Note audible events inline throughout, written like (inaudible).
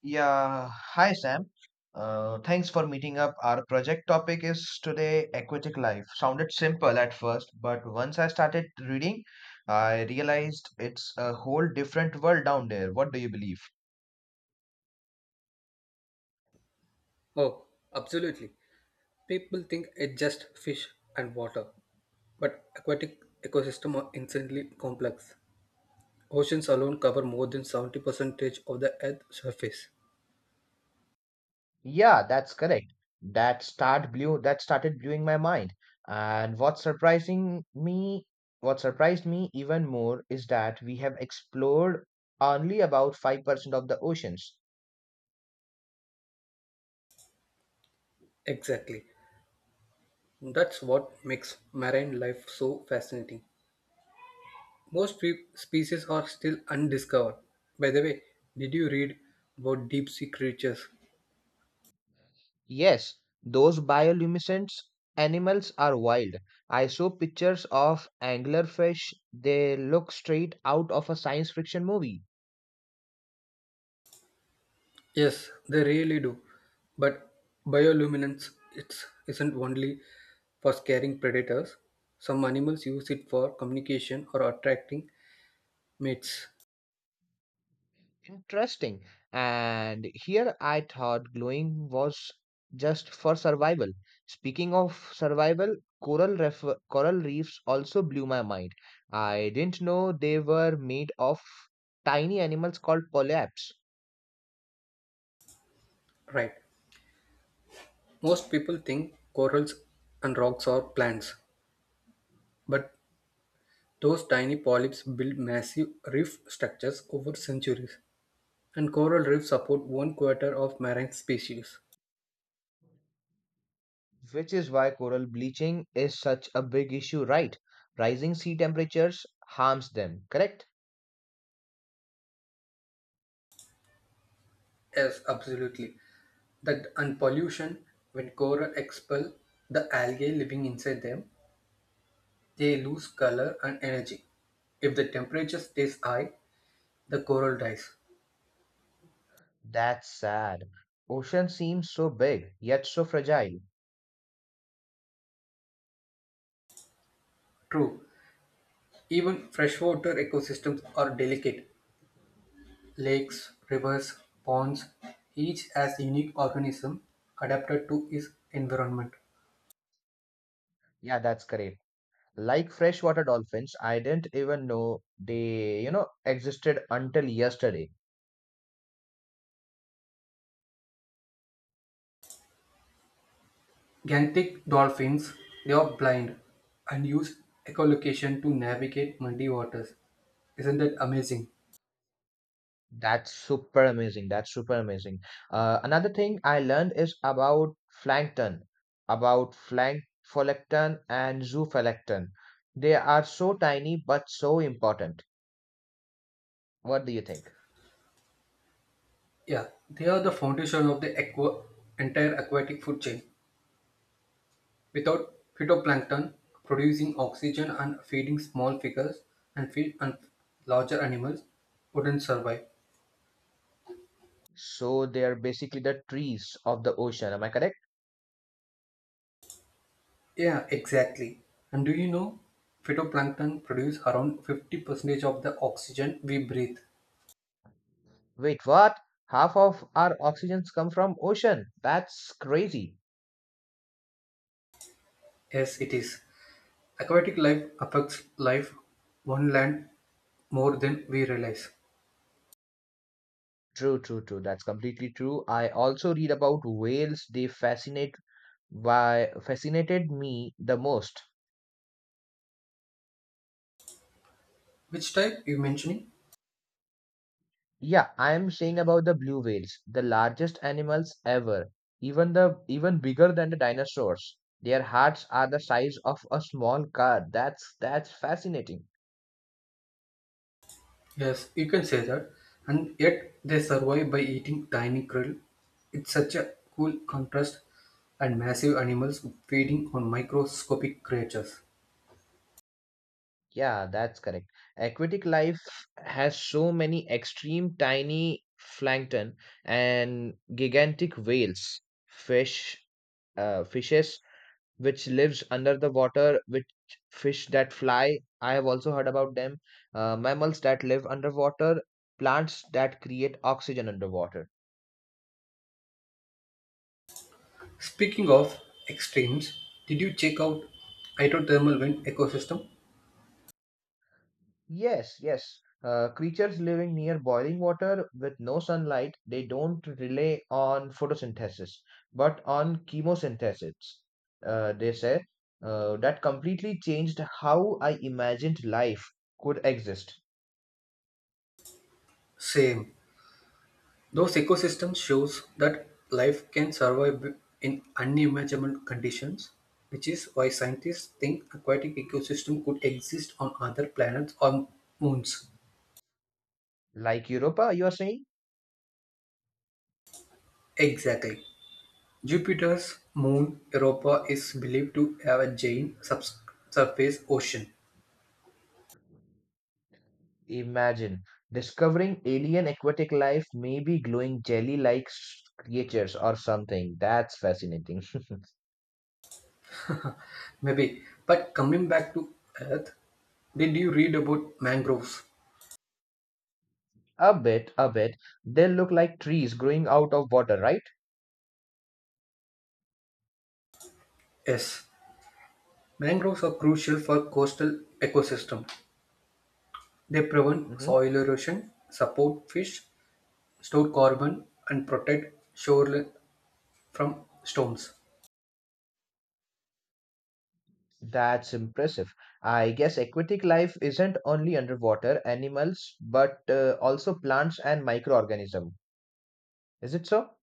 Yeah, hi Sam. Thanks for meeting up. Our project topic is today aquatic life. Sounded simple at first, but once I started reading, I realized it's a whole different world down there. What do you believe? Oh, absolutely. People think it's just fish and water, but aquatic ecosystems are insanely complex. Oceans alone cover more than 70% of the Earth's surface. Yeah, that's correct. That started blowing my mind. And what surprised me even more is that we have explored only about 5% of the oceans. Exactly. That's what makes marine life so fascinating. Most species are still undiscovered. By the way, did you read about deep sea creatures? Yes, those bioluminescent animals are wild. I saw pictures of anglerfish. They look straight out of a science fiction movie. Yes, they really do. But bioluminescence isn't only for scaring predators. Some animals use it for communication or attracting mates. Interesting. And here I thought glowing was just for survival. Speaking of survival, coral reefs also blew my mind. I didn't know they were made of tiny animals called polyps. Right. Most people think corals and rocks are plants, but those tiny polyps build massive reef structures over centuries. And coral reefs support one quarter of marine species. Which is why coral bleaching is such a big issue, right? Rising sea temperatures harms them, correct? Yes, absolutely. That and pollution, when coral expel the algae living inside them, they lose color and energy. If the temperature stays high, the coral dies. That's sad. Ocean seems so big, yet so fragile. True, even freshwater ecosystems are delicate. Lakes, rivers, ponds, each has unique organism adapted to its environment. Yeah, that's correct. Like freshwater dolphins, I didn't even know they existed until yesterday. Gantic dolphins, they are blind and use echolocation to navigate muddy waters. Isn't that amazing? That's super amazing. That's super amazing. Another thing I learned is about plankton, about flank phytoplankton and zooplankton. They are so tiny but so important. What do you think? Yeah, they are the foundation of the entire aquatic food chain. Without phytoplankton producing oxygen and feeding small figures and fish and larger animals wouldn't survive. So they are basically the trees of the ocean. Am I correct? Yeah, exactly. And do you know phytoplankton produce around 50% of the oxygen we breathe? Wait, what? Half of our oxygens come from ocean. That's crazy. Yes, it is. Aquatic life affects life on land more than we realize. True, true, true. That's completely true. I also read about whales. They fascinate why fascinated me the most. Which type you mentioning? Yeah, I am saying about the blue whales, the largest animals ever, even bigger than the dinosaurs. Their hearts are the size of a small car. That's fascinating. Yes, you can say that. And yet they survive by eating tiny krill. It's such a cool contrast and massive animals feeding on microscopic creatures. Yeah, that's correct. Aquatic life has so many extreme tiny plankton and gigantic whales, fish, fishes which lives under the water, which fish that fly. I have also heard about them. Mammals that live underwater, plants that create oxygen underwater. Speaking of extremes, did you check out hydrothermal wind ecosystem? Yes, yes. Creatures living near boiling water with no sunlight, they don't rely on photosynthesis, but on chemosynthesis, they say. That completely changed how I imagined life could exist. Same. Those ecosystems shows that life can survive in unimaginable conditions, which is why scientists think aquatic ecosystem could exist on other planets or moons. Like Europa, you are saying? Exactly. Jupiter's moon Europa is believed to have a giant subsurface ocean. Imagine discovering alien aquatic life, maybe glowing jelly like creatures or something. That's fascinating. Maybe. But coming back to Earth, did you read about mangroves? (laughs) a bit, a bit. They look like trees growing out of water, right? Yes. Mangroves are crucial for coastal ecosystems. They prevent Hmm. soil erosion, support fish, store carbon, and protect shoreline from storms. That's impressive. I guess aquatic life isn't only underwater animals, but also plants and microorganisms. Is it so?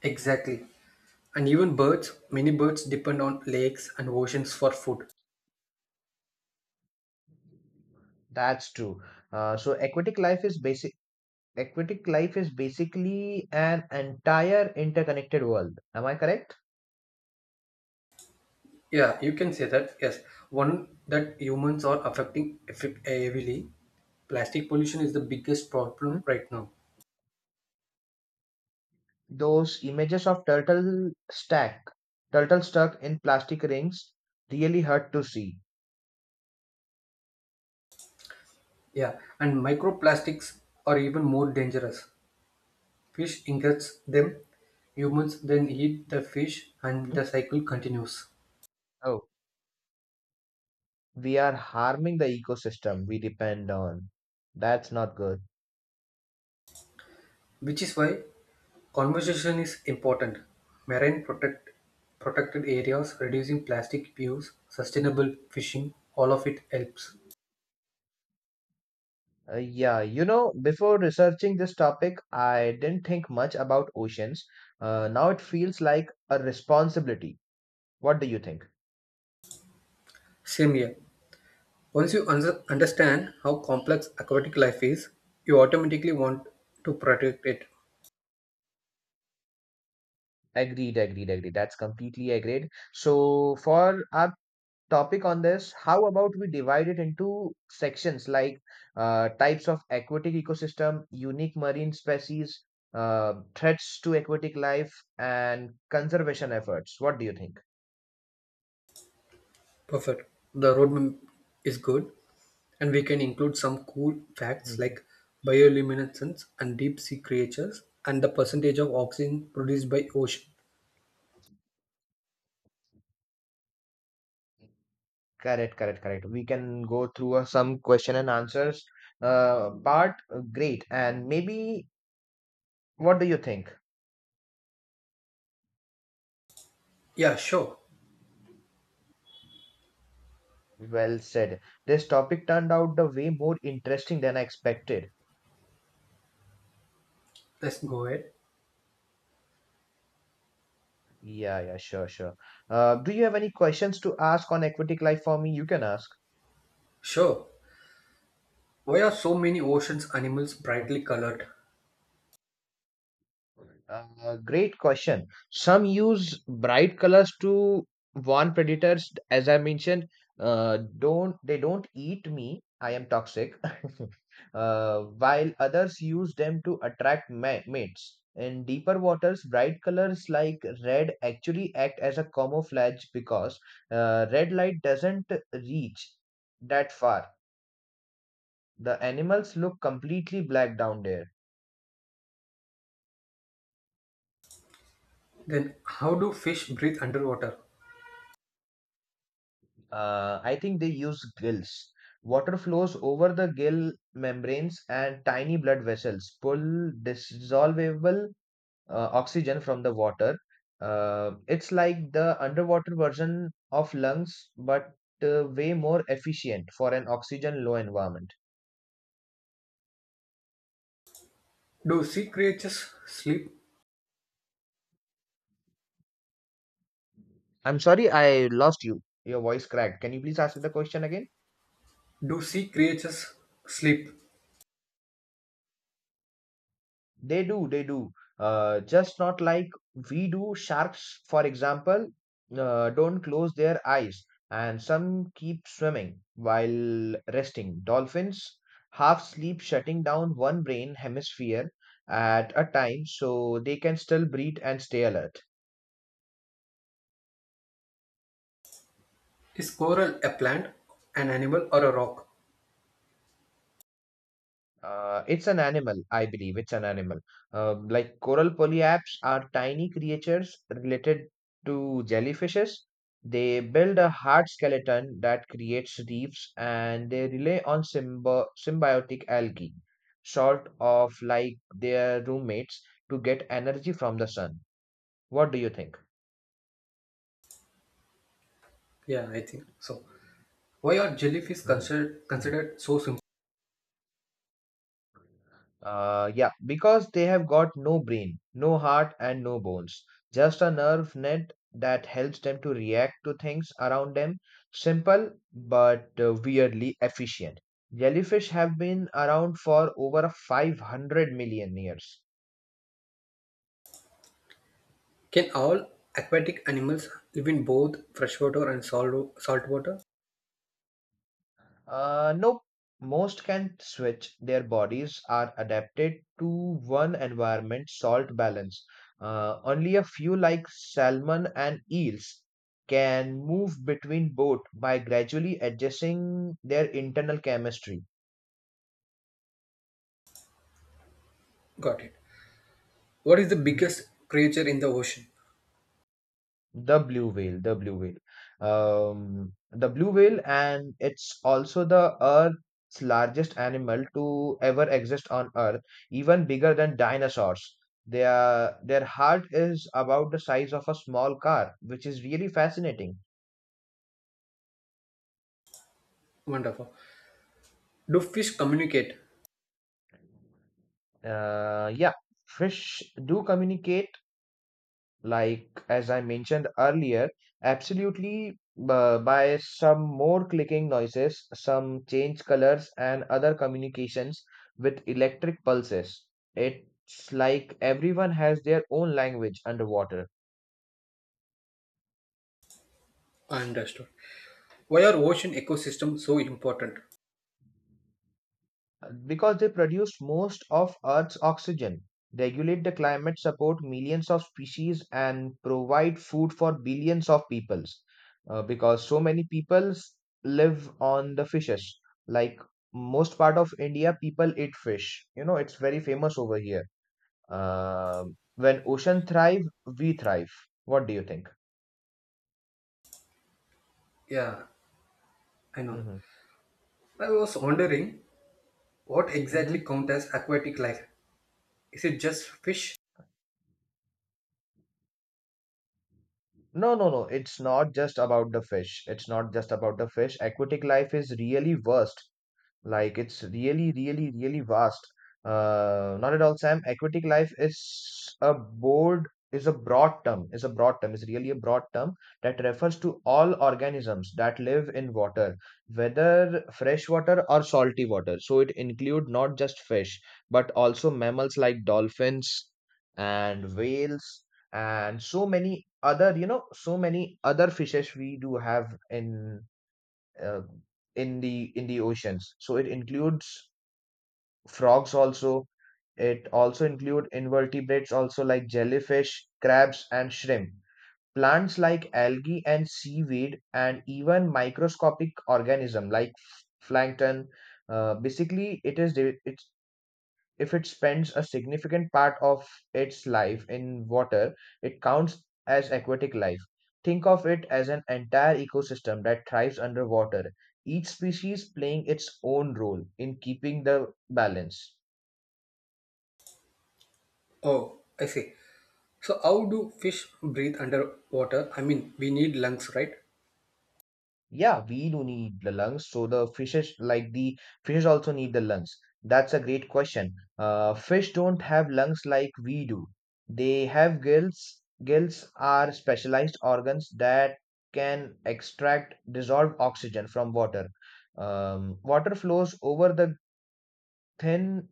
Exactly. And even birds, many birds depend on lakes and oceans for food. That's true. So aquatic life is basic. Aquatic life is basically an entire interconnected world. Am I correct? Yeah, you can say that. Yes, one that humans are affecting effect heavily. Plastic pollution is the biggest problem right now. Those images of turtle stuck in plastic rings really hurt to see. Yeah, and microplastics are even more dangerous. Fish ingests them, humans then eat the fish, and Mhm. the cycle continues. Oh, we are harming the ecosystem we depend on. That's not good. Which is why conversation is important. Marine protect protected areas, reducing plastic use, sustainable fishing, all of it helps. Uh, yeah you know before researching this topic I didn't think much about oceans. Now it feels like a responsibility. What do you think? Same here. Once you understand how complex aquatic life is, you automatically want to protect it. Agreed, agreed, agreed. That's completely agreed. So for our topic on this, how about we divide it into sections like types of aquatic ecosystem, unique marine species, threats to aquatic life, and conservation efforts? What do you think? Perfect. The roadmap is good, and we can include some cool facts Mhm. like bioluminescence and deep sea creatures and the percentage of oxygen produced by ocean. Correct, correct, correct. We can go through some question and answers part. Great. And maybe what do you think? Yeah, sure. Well said. This topic turned out the way more interesting than I expected. Let's go ahead. Yeah, yeah, sure, sure. Do you have any questions to ask on Aquatic Life for me? You can ask. Sure. Why are so many oceans animals brightly colored? Okay. Great question. Some use bright colors to warn predators. As I mentioned, don't eat me. I am toxic. (laughs) While others use them to attract mates. In deeper waters, bright colors like red actually act as a camouflage because red light doesn't reach that far. The animals look completely black down there. Then how do fish breathe underwater? I think they use gills. Water flows over the gill membranes, and tiny blood vessels pull dissolvable oxygen from the water. It's like the underwater version of lungs, but way more efficient for an oxygen low environment. Do sea creatures sleep? I'm sorry, I lost you. Your voice cracked. Can you please ask the question again? Do sea creatures sleep? They do, they do. Just not like we do. Sharks, for example, don't close their eyes, and some keep swimming while resting. Dolphins half sleep, shutting down one brain hemisphere at a time so they can still breathe and stay alert. Is coral a plant, an animal, or a rock? It's an animal, I believe. It's an animal. Like coral polyps are tiny creatures related to jellyfishes. They build a hard skeleton that creates reefs and they rely on symbiotic algae, sort of like their roommates, to get energy from the sun. What do you think? Yeah, I think so. Why are jellyfish Mhm. Considered so simple? Yeah, because they have got no brain, no heart, and no bones. Just a nerve net that helps them to react to things around them. Simple but weirdly efficient. Jellyfish have been around for over 500 million years. Can all aquatic animals live in both freshwater and salt water? Nope. Most can switch. Their bodies are adapted to one environment salt balance. Only a few, like salmon and eels, can move between both by gradually adjusting their internal chemistry. Got it. What is the Mm-hmm. biggest creature in the ocean? The blue whale, the blue whale. The blue whale, and it's also the Earth's largest animal to ever exist on Earth, even bigger than dinosaurs. Their heart is about the size of a small car, which is really fascinating. Wonderful. Do fish communicate? Yeah, fish do communicate like as I mentioned earlier, absolutely by some more clicking noises, some change colors, and other communications with electric pulses. It's like everyone has their own language underwater. Understood. Why are ocean ecosystems so important? Because they produce most of Earth's oxygen, regulate the climate, support millions of species, and provide food for billions of peoples. Because so many peoples live on the fishes. Like most part of India, people eat fish. You know, it's very famous over here. When ocean thrive, we thrive. What do you think? Yeah, I know. Hmm, I was wondering what exactly hmm. counts as aquatic life. Is it just fish? No, no, no. It's not just about the fish. It's not just about the fish. Aquatic life is really vast. Like it's really, really, really vast. Not at all, Sam. Aquatic life is a board is a broad term. Is a broad term. Is really a broad term that refers to all organisms that live in water, whether freshwater or salty water. So it include not just fish, but also mammals like dolphins and whales and so many other fishes we do have uh, in the oceans. So it includes frogs also. It also include invertebrates also like jellyfish, crabs, and shrimp. Plants like algae and seaweed, and even microscopic organism like plankton. Basically, it's if it spends a significant part of its life in water, it counts as aquatic life. Think of it as an entire ecosystem that thrives underwater, each species playing its own role in keeping the balance. Oh, I see. So how do fish breathe underwater? I mean, we need lungs, right? Yeah, we do need the lungs. So the fishes, like the fishes, also need the lungs. That's a great question. Fish don't have lungs like we do. They have gills. Gills are specialized organs that can extract dissolved oxygen from water. Water flows over the thin,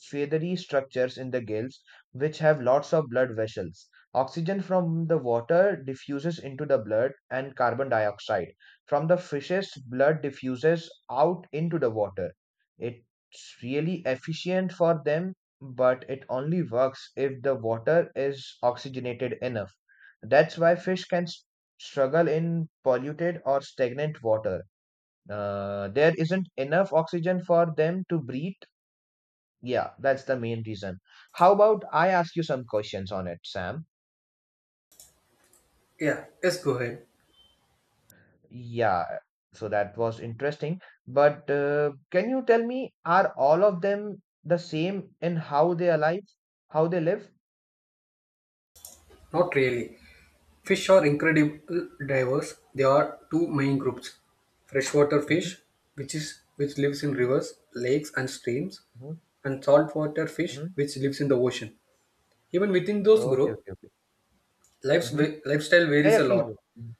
feathery structures in the gills, which have lots of blood vessels. Oxygen from the water diffuses into the blood, and carbon dioxide from the fish's blood diffuses out into the water. It's really efficient for them, but it only works if the water is oxygenated enough. That's why fish can struggle in polluted or stagnant water. There isn't enough oxygen for them to breathe. Yeah, that's the main reason. How about I ask you some questions on it, Sam? Yeah, yes, go ahead. Yeah, so that was interesting. But can you tell me, are all of them the same in how they are alive, how they live? Not really. Fish are incredible divers. There are two main groups. Freshwater Mm-hmm, fish, which lives in mm-hmm, rivers, lakes and streams, mm-hmm. and saltwater fish, Mm-hmm. which lives in the ocean. Even within those Okay, groups, okay, okay. lives, Mm-hmm. lifestyle Yeah, varies yeah, a please lot. go. Mm-hmm,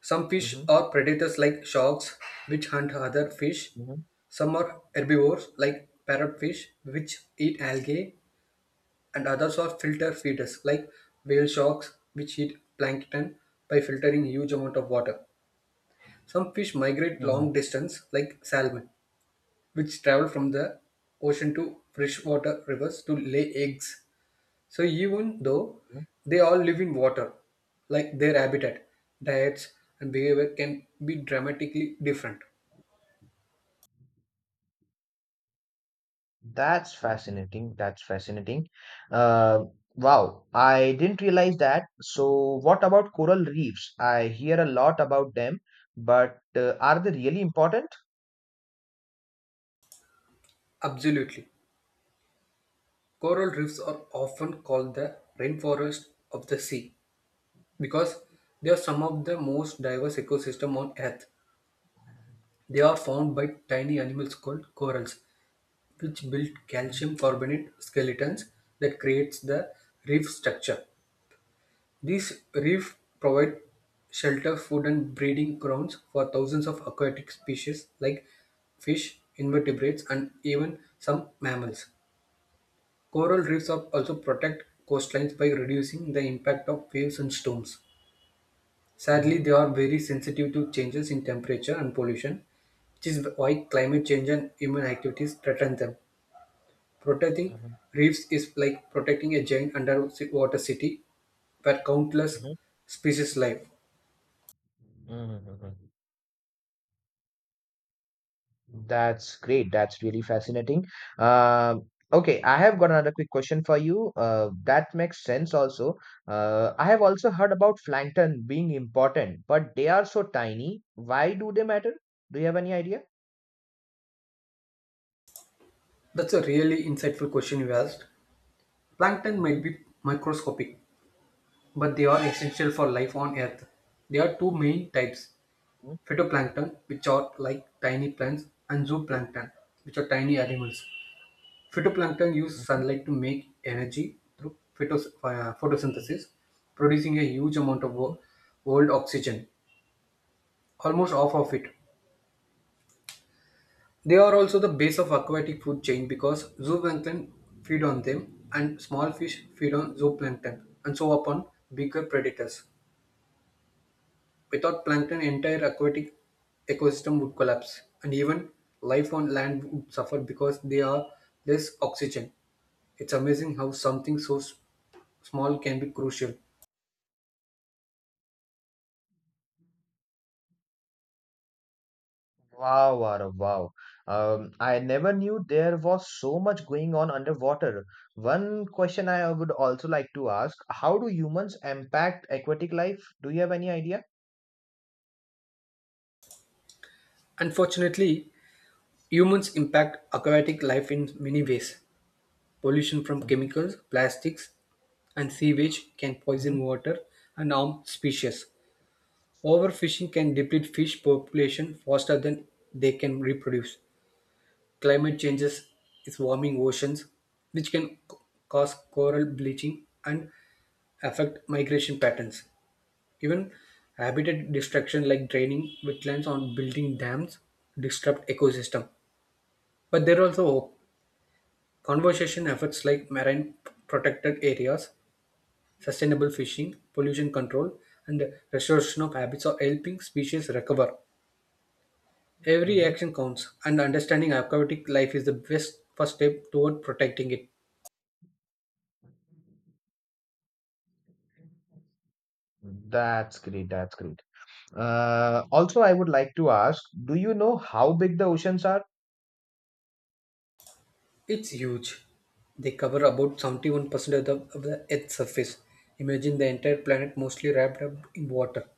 Some fish mm-hmm, are predators like sharks, which hunt other fish. mm-hmm. Some are herbivores like parrotfish, which eat algae, and others are filter feeders like whale sharks, which eat plankton by filtering huge amount of water. Some fish migrate long Mm-hmm. distance like salmon, which travel from the ocean to freshwater rivers to lay eggs. So even though they all live in water, like their habitat, diets and behavior can be dramatically different. That's fascinating. That's fascinating. Uh, wow, I didn't realize that. So, what about coral reefs? I hear a lot about them, but are they really important? Absolutely. Coral reefs are often called the rainforest of the sea because they are some of the most diverse ecosystems on Earth. They are found by tiny animals called corals, which build calcium carbonate skeletons that creates the reef structure. These reef provide shelter, food and breeding grounds for thousands of aquatic species like fish, invertebrates and even some mammals. Coral reefs are also protect coastlines by reducing the impact of waves and storms. Sadly, Hmm, they are very sensitive to changes in temperature and pollution, which is why climate change and human activities threaten them. Protecting hmm, reefs is like protecting a giant underwater city where countless hmm, species live. hmm. That's great. That's really fascinating. Okay, I have got another quick question for you. That makes sense also. I have also heard about plankton being important, but they are so tiny. Why do they matter? Do you have any idea? That's a really insightful question you asked. Plankton might be microscopic, but they are essential for life on Earth. There are two main types, Mhm, phytoplankton, which are like tiny plants, and zooplankton, which are tiny animals. Phytoplankton use mhm, sunlight to make energy through mhm, photosynthesis, producing a huge amount of mhm. World oxygen, almost half of it. They are also the base of aquatic food chain because zooplankton feed on them and small fish feed on zooplankton and so upon bigger predators. Without plankton, entire aquatic ecosystem would collapse and even life on land would suffer because they are less oxygen. It's amazing how something so small can be crucial. Wow, Arav, wow. I never knew there was so much going on underwater. One question I would also like to ask, how do humans impact aquatic life? Do you have any idea? Unfortunately, humans impact aquatic life in many ways. Pollution from Mm-hmm, chemicals, plastics, and sewage can mm-hmm, poison water and harm species. Overfishing can deplete fish population faster than they can reproduce. Climate changes is warming oceans, which can cause coral bleaching and affect migration patterns. Even habitat destruction like draining wetlands or building dams disrupt ecosystem. But there are also hope. Conservation efforts like marine protected areas, sustainable fishing, pollution control, and restoration of habits are helping species recover. Every mm-hmm. action counts, and understanding aquatic life is the best first step toward protecting it. That's great, that's great. Also, I would like to ask, do you know how big the oceans are? It's huge. They cover about 71% of the Earth's surface. Imagine the entire planet mostly wrapped up in water.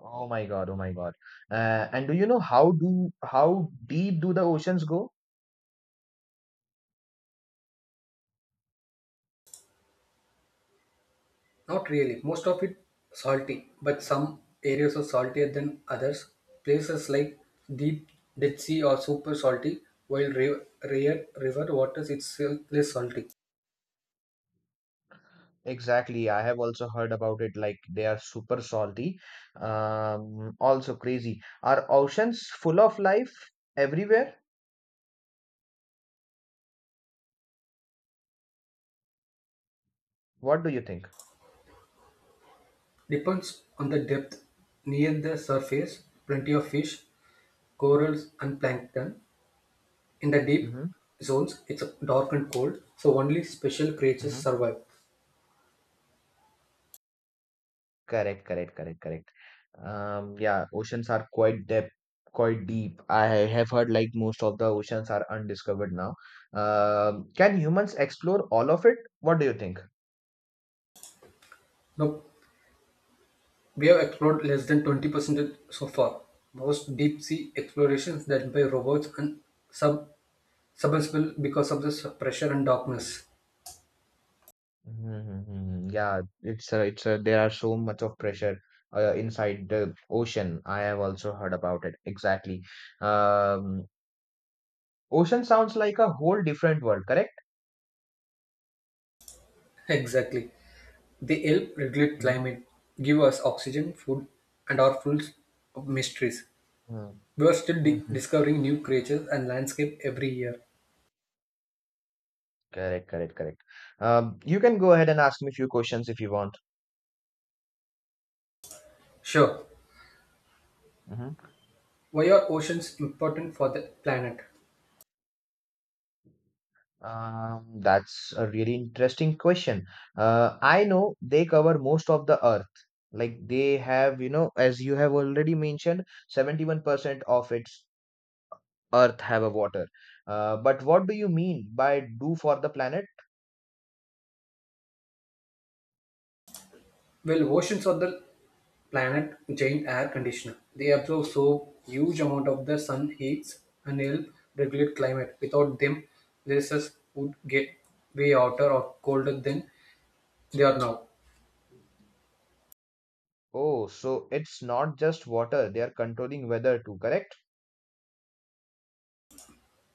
Oh my God, oh my God. And do you know how deep do the oceans go? Not really. Most of it salty, but some areas are saltier than others. Places like deep Dead Sea are super salty, while rare river waters it's less salty. Exactly. I have also heard about it, like they are super salty, also crazy. Are oceans full of life everywhere? What do you think? Depends on the depth. Near the surface, plenty of fish, corals, and plankton. In the deep Mm-hmm. zones, it's dark and cold, so only special creatures Mm-hmm. survive. Correct, correct, correct, correct. Yeah, oceans are quite deep, quite deep. I have heard like most of the oceans are undiscovered now. Can humans explore all of it? What do you think? No. We have explored less than 20% so far, most deep-sea explorations done by robots and sub submersible because of the pressure and darkness. Mm-hmm. Mm-hmm. Yeah, there are so much of pressure inside the ocean. I have also heard about it. Exactly. Um, ocean sounds like a whole different world, correct? (laughs) Exactly. They help regulate Mm-hmm. climate, give us oxygen, food, and are full of mysteries. We are still Mm-hmm. discovering new creatures and landscape every year. Correct, correct, correct. You can go ahead and ask me a few questions if you want. Sure. Hmm. Why are oceans important for the planet? That's a really interesting question. I know they cover most of the earth. Like they have, as you have already mentioned, 71% of it. Earth have a water but what do you mean by do for the planet? Well, oceans are the planet giant air conditioner. They absorb so huge amount of the sun heats and help regulate climate. Without them, places would get way hotter or colder than they are now. Oh, so it's not just water they are controlling weather too, correct?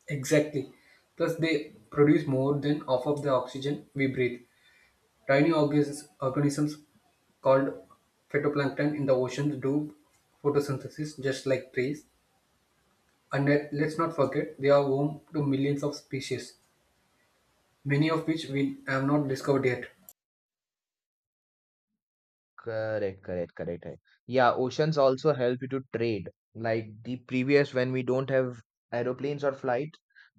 Exactly. Plus, they produce more than half of the oxygen we breathe. Organisms called phytoplankton in the oceans do photosynthesis just like trees. And let's not forget, they are home to millions of species, many of which we have not discovered yet. Correct, correct, correct, correct, Yeah, oceans also help you to trade, like the previous when we don't have aeroplanes or flight.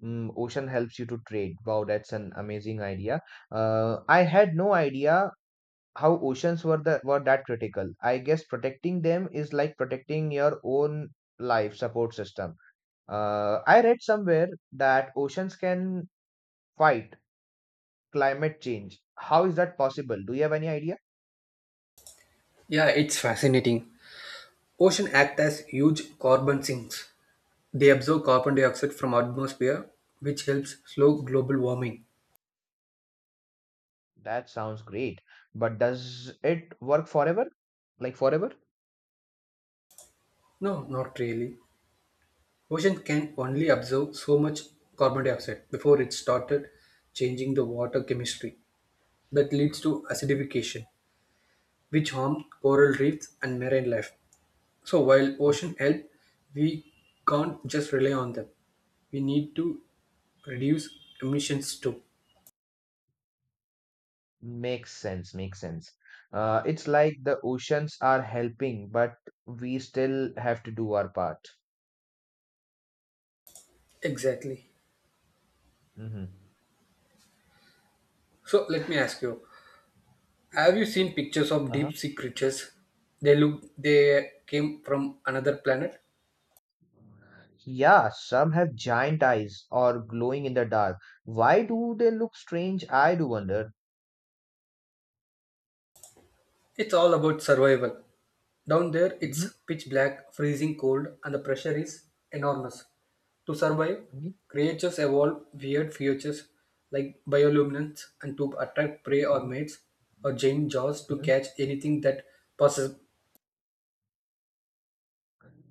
Ocean helps you to trade. Wow, that's an amazing idea. I had no idea how oceans were that critical. I guess protecting them is like protecting your own life support system. I read somewhere that oceans can fight climate change. How is that possible? Do you have any idea? Yeah, it's fascinating. Oceans act as huge carbon sinks. They absorb carbon dioxide from atmosphere, which helps slow global warming. That sounds great, but does it work forever? Like forever? No, not really. Oceans can Mhm, only absorb so much carbon dioxide before it started changing the water chemistry. That leads to mhm, acidification, which harms coral reefs and marine life. So while mhm. ocean help, we can't just rely on them. We need to reduce emissions too. Makes sense, makes sense. It's like the oceans are helping, but we still have to do our part. Exactly. Hmm. So let me ask you, have you seen pictures of Uh-huh. deep sea creatures? They look they came from another planet. Yeah, some have giant eyes or glowing in the dark. Why do they look strange? I do wonder. It's all about survival. Down there Hmm, it's pitch black, freezing cold, and the pressure is enormous. To survive, creatures evolve weird features like bioluminescence and to attract prey or hmm. mates or giant jaws to catch anything that passes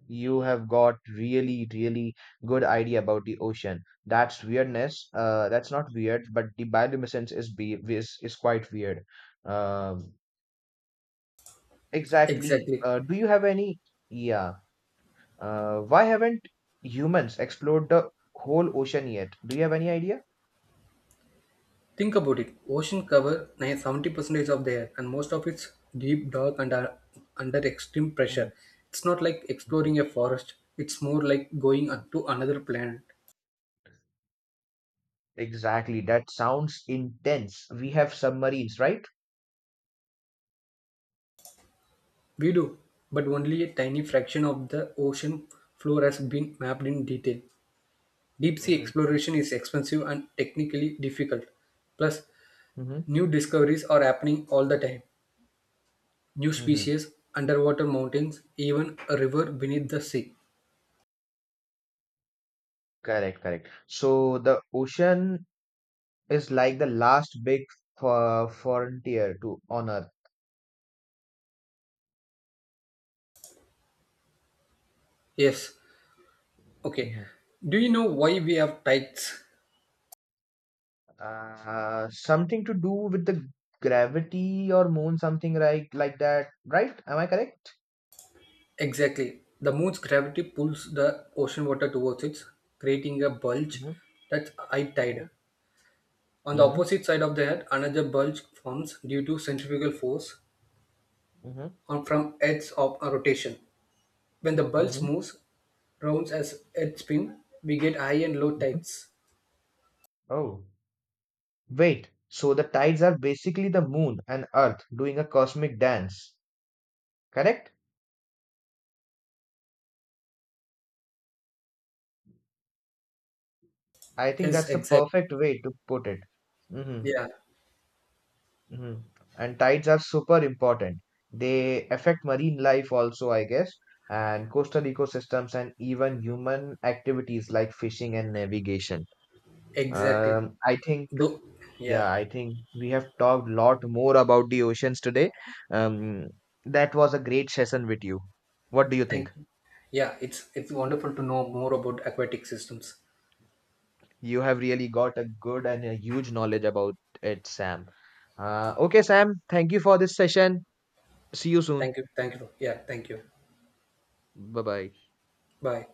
You have got really, really good idea about the ocean. That's weirdness. That's not weird, but the bioluminescence is quite weird. Um exactly. exactly. Do you have any? Yeah. Why haven't humans explored the whole ocean yet? Do you have any idea? Think about it. Ocean cover 70% of the air, and most of it's deep, dark, and are under extreme Mhm. pressure. It's not like exploring a forest. It's more like going to another planet. Exactly, that sounds intense. We have submarines, right? We do, but only a tiny fraction of the ocean floor has been mapped in detail. Deep sea Hmm, exploration is expensive and technically difficult. Plus, hmm, new discoveries are happening all the time. New hmm. species, underwater mountains, even a river beneath the sea. Correct, correct. So the ocean is like the last big frontier to on Earth. Yes, okay. Mhm. Do you know why we have tides? Something to do with the gravity or moon, something like that, right? Am I correct? Exactly. The moon's gravity pulls the ocean water towards it, creating a bulge, Mhm. that's high Mhm. tide. On the Mhm. opposite side of the head, another bulge forms due to centrifugal force Mhm. on from Earth's of a rotation. When the bulge Hmm, moves rounds as Earth spin, we get high and low hmm. tides. Oh. Wait, so the tides are basically the moon and Earth doing a cosmic dance, correct? I think Yes, that's the exactly. perfect way to put it. Mm-hmm. Yeah, Mhm. And tides are super important. They affect marine life also, I guess, and coastal ecosystems and even human activities like fishing and navigation. exactly. I think, Though, yeah. yeah, I think we have talked a lot more about the oceans today. Um, that was a great session with you. What do you Thank think? you. Yeah, it's wonderful to know more about aquatic systems. You have really got a good and a huge knowledge about it, Sam. Okay, Sam, thank you for this session. See you soon. Thank you. Thank you. Yeah. Thank you. Bye bye. Bye.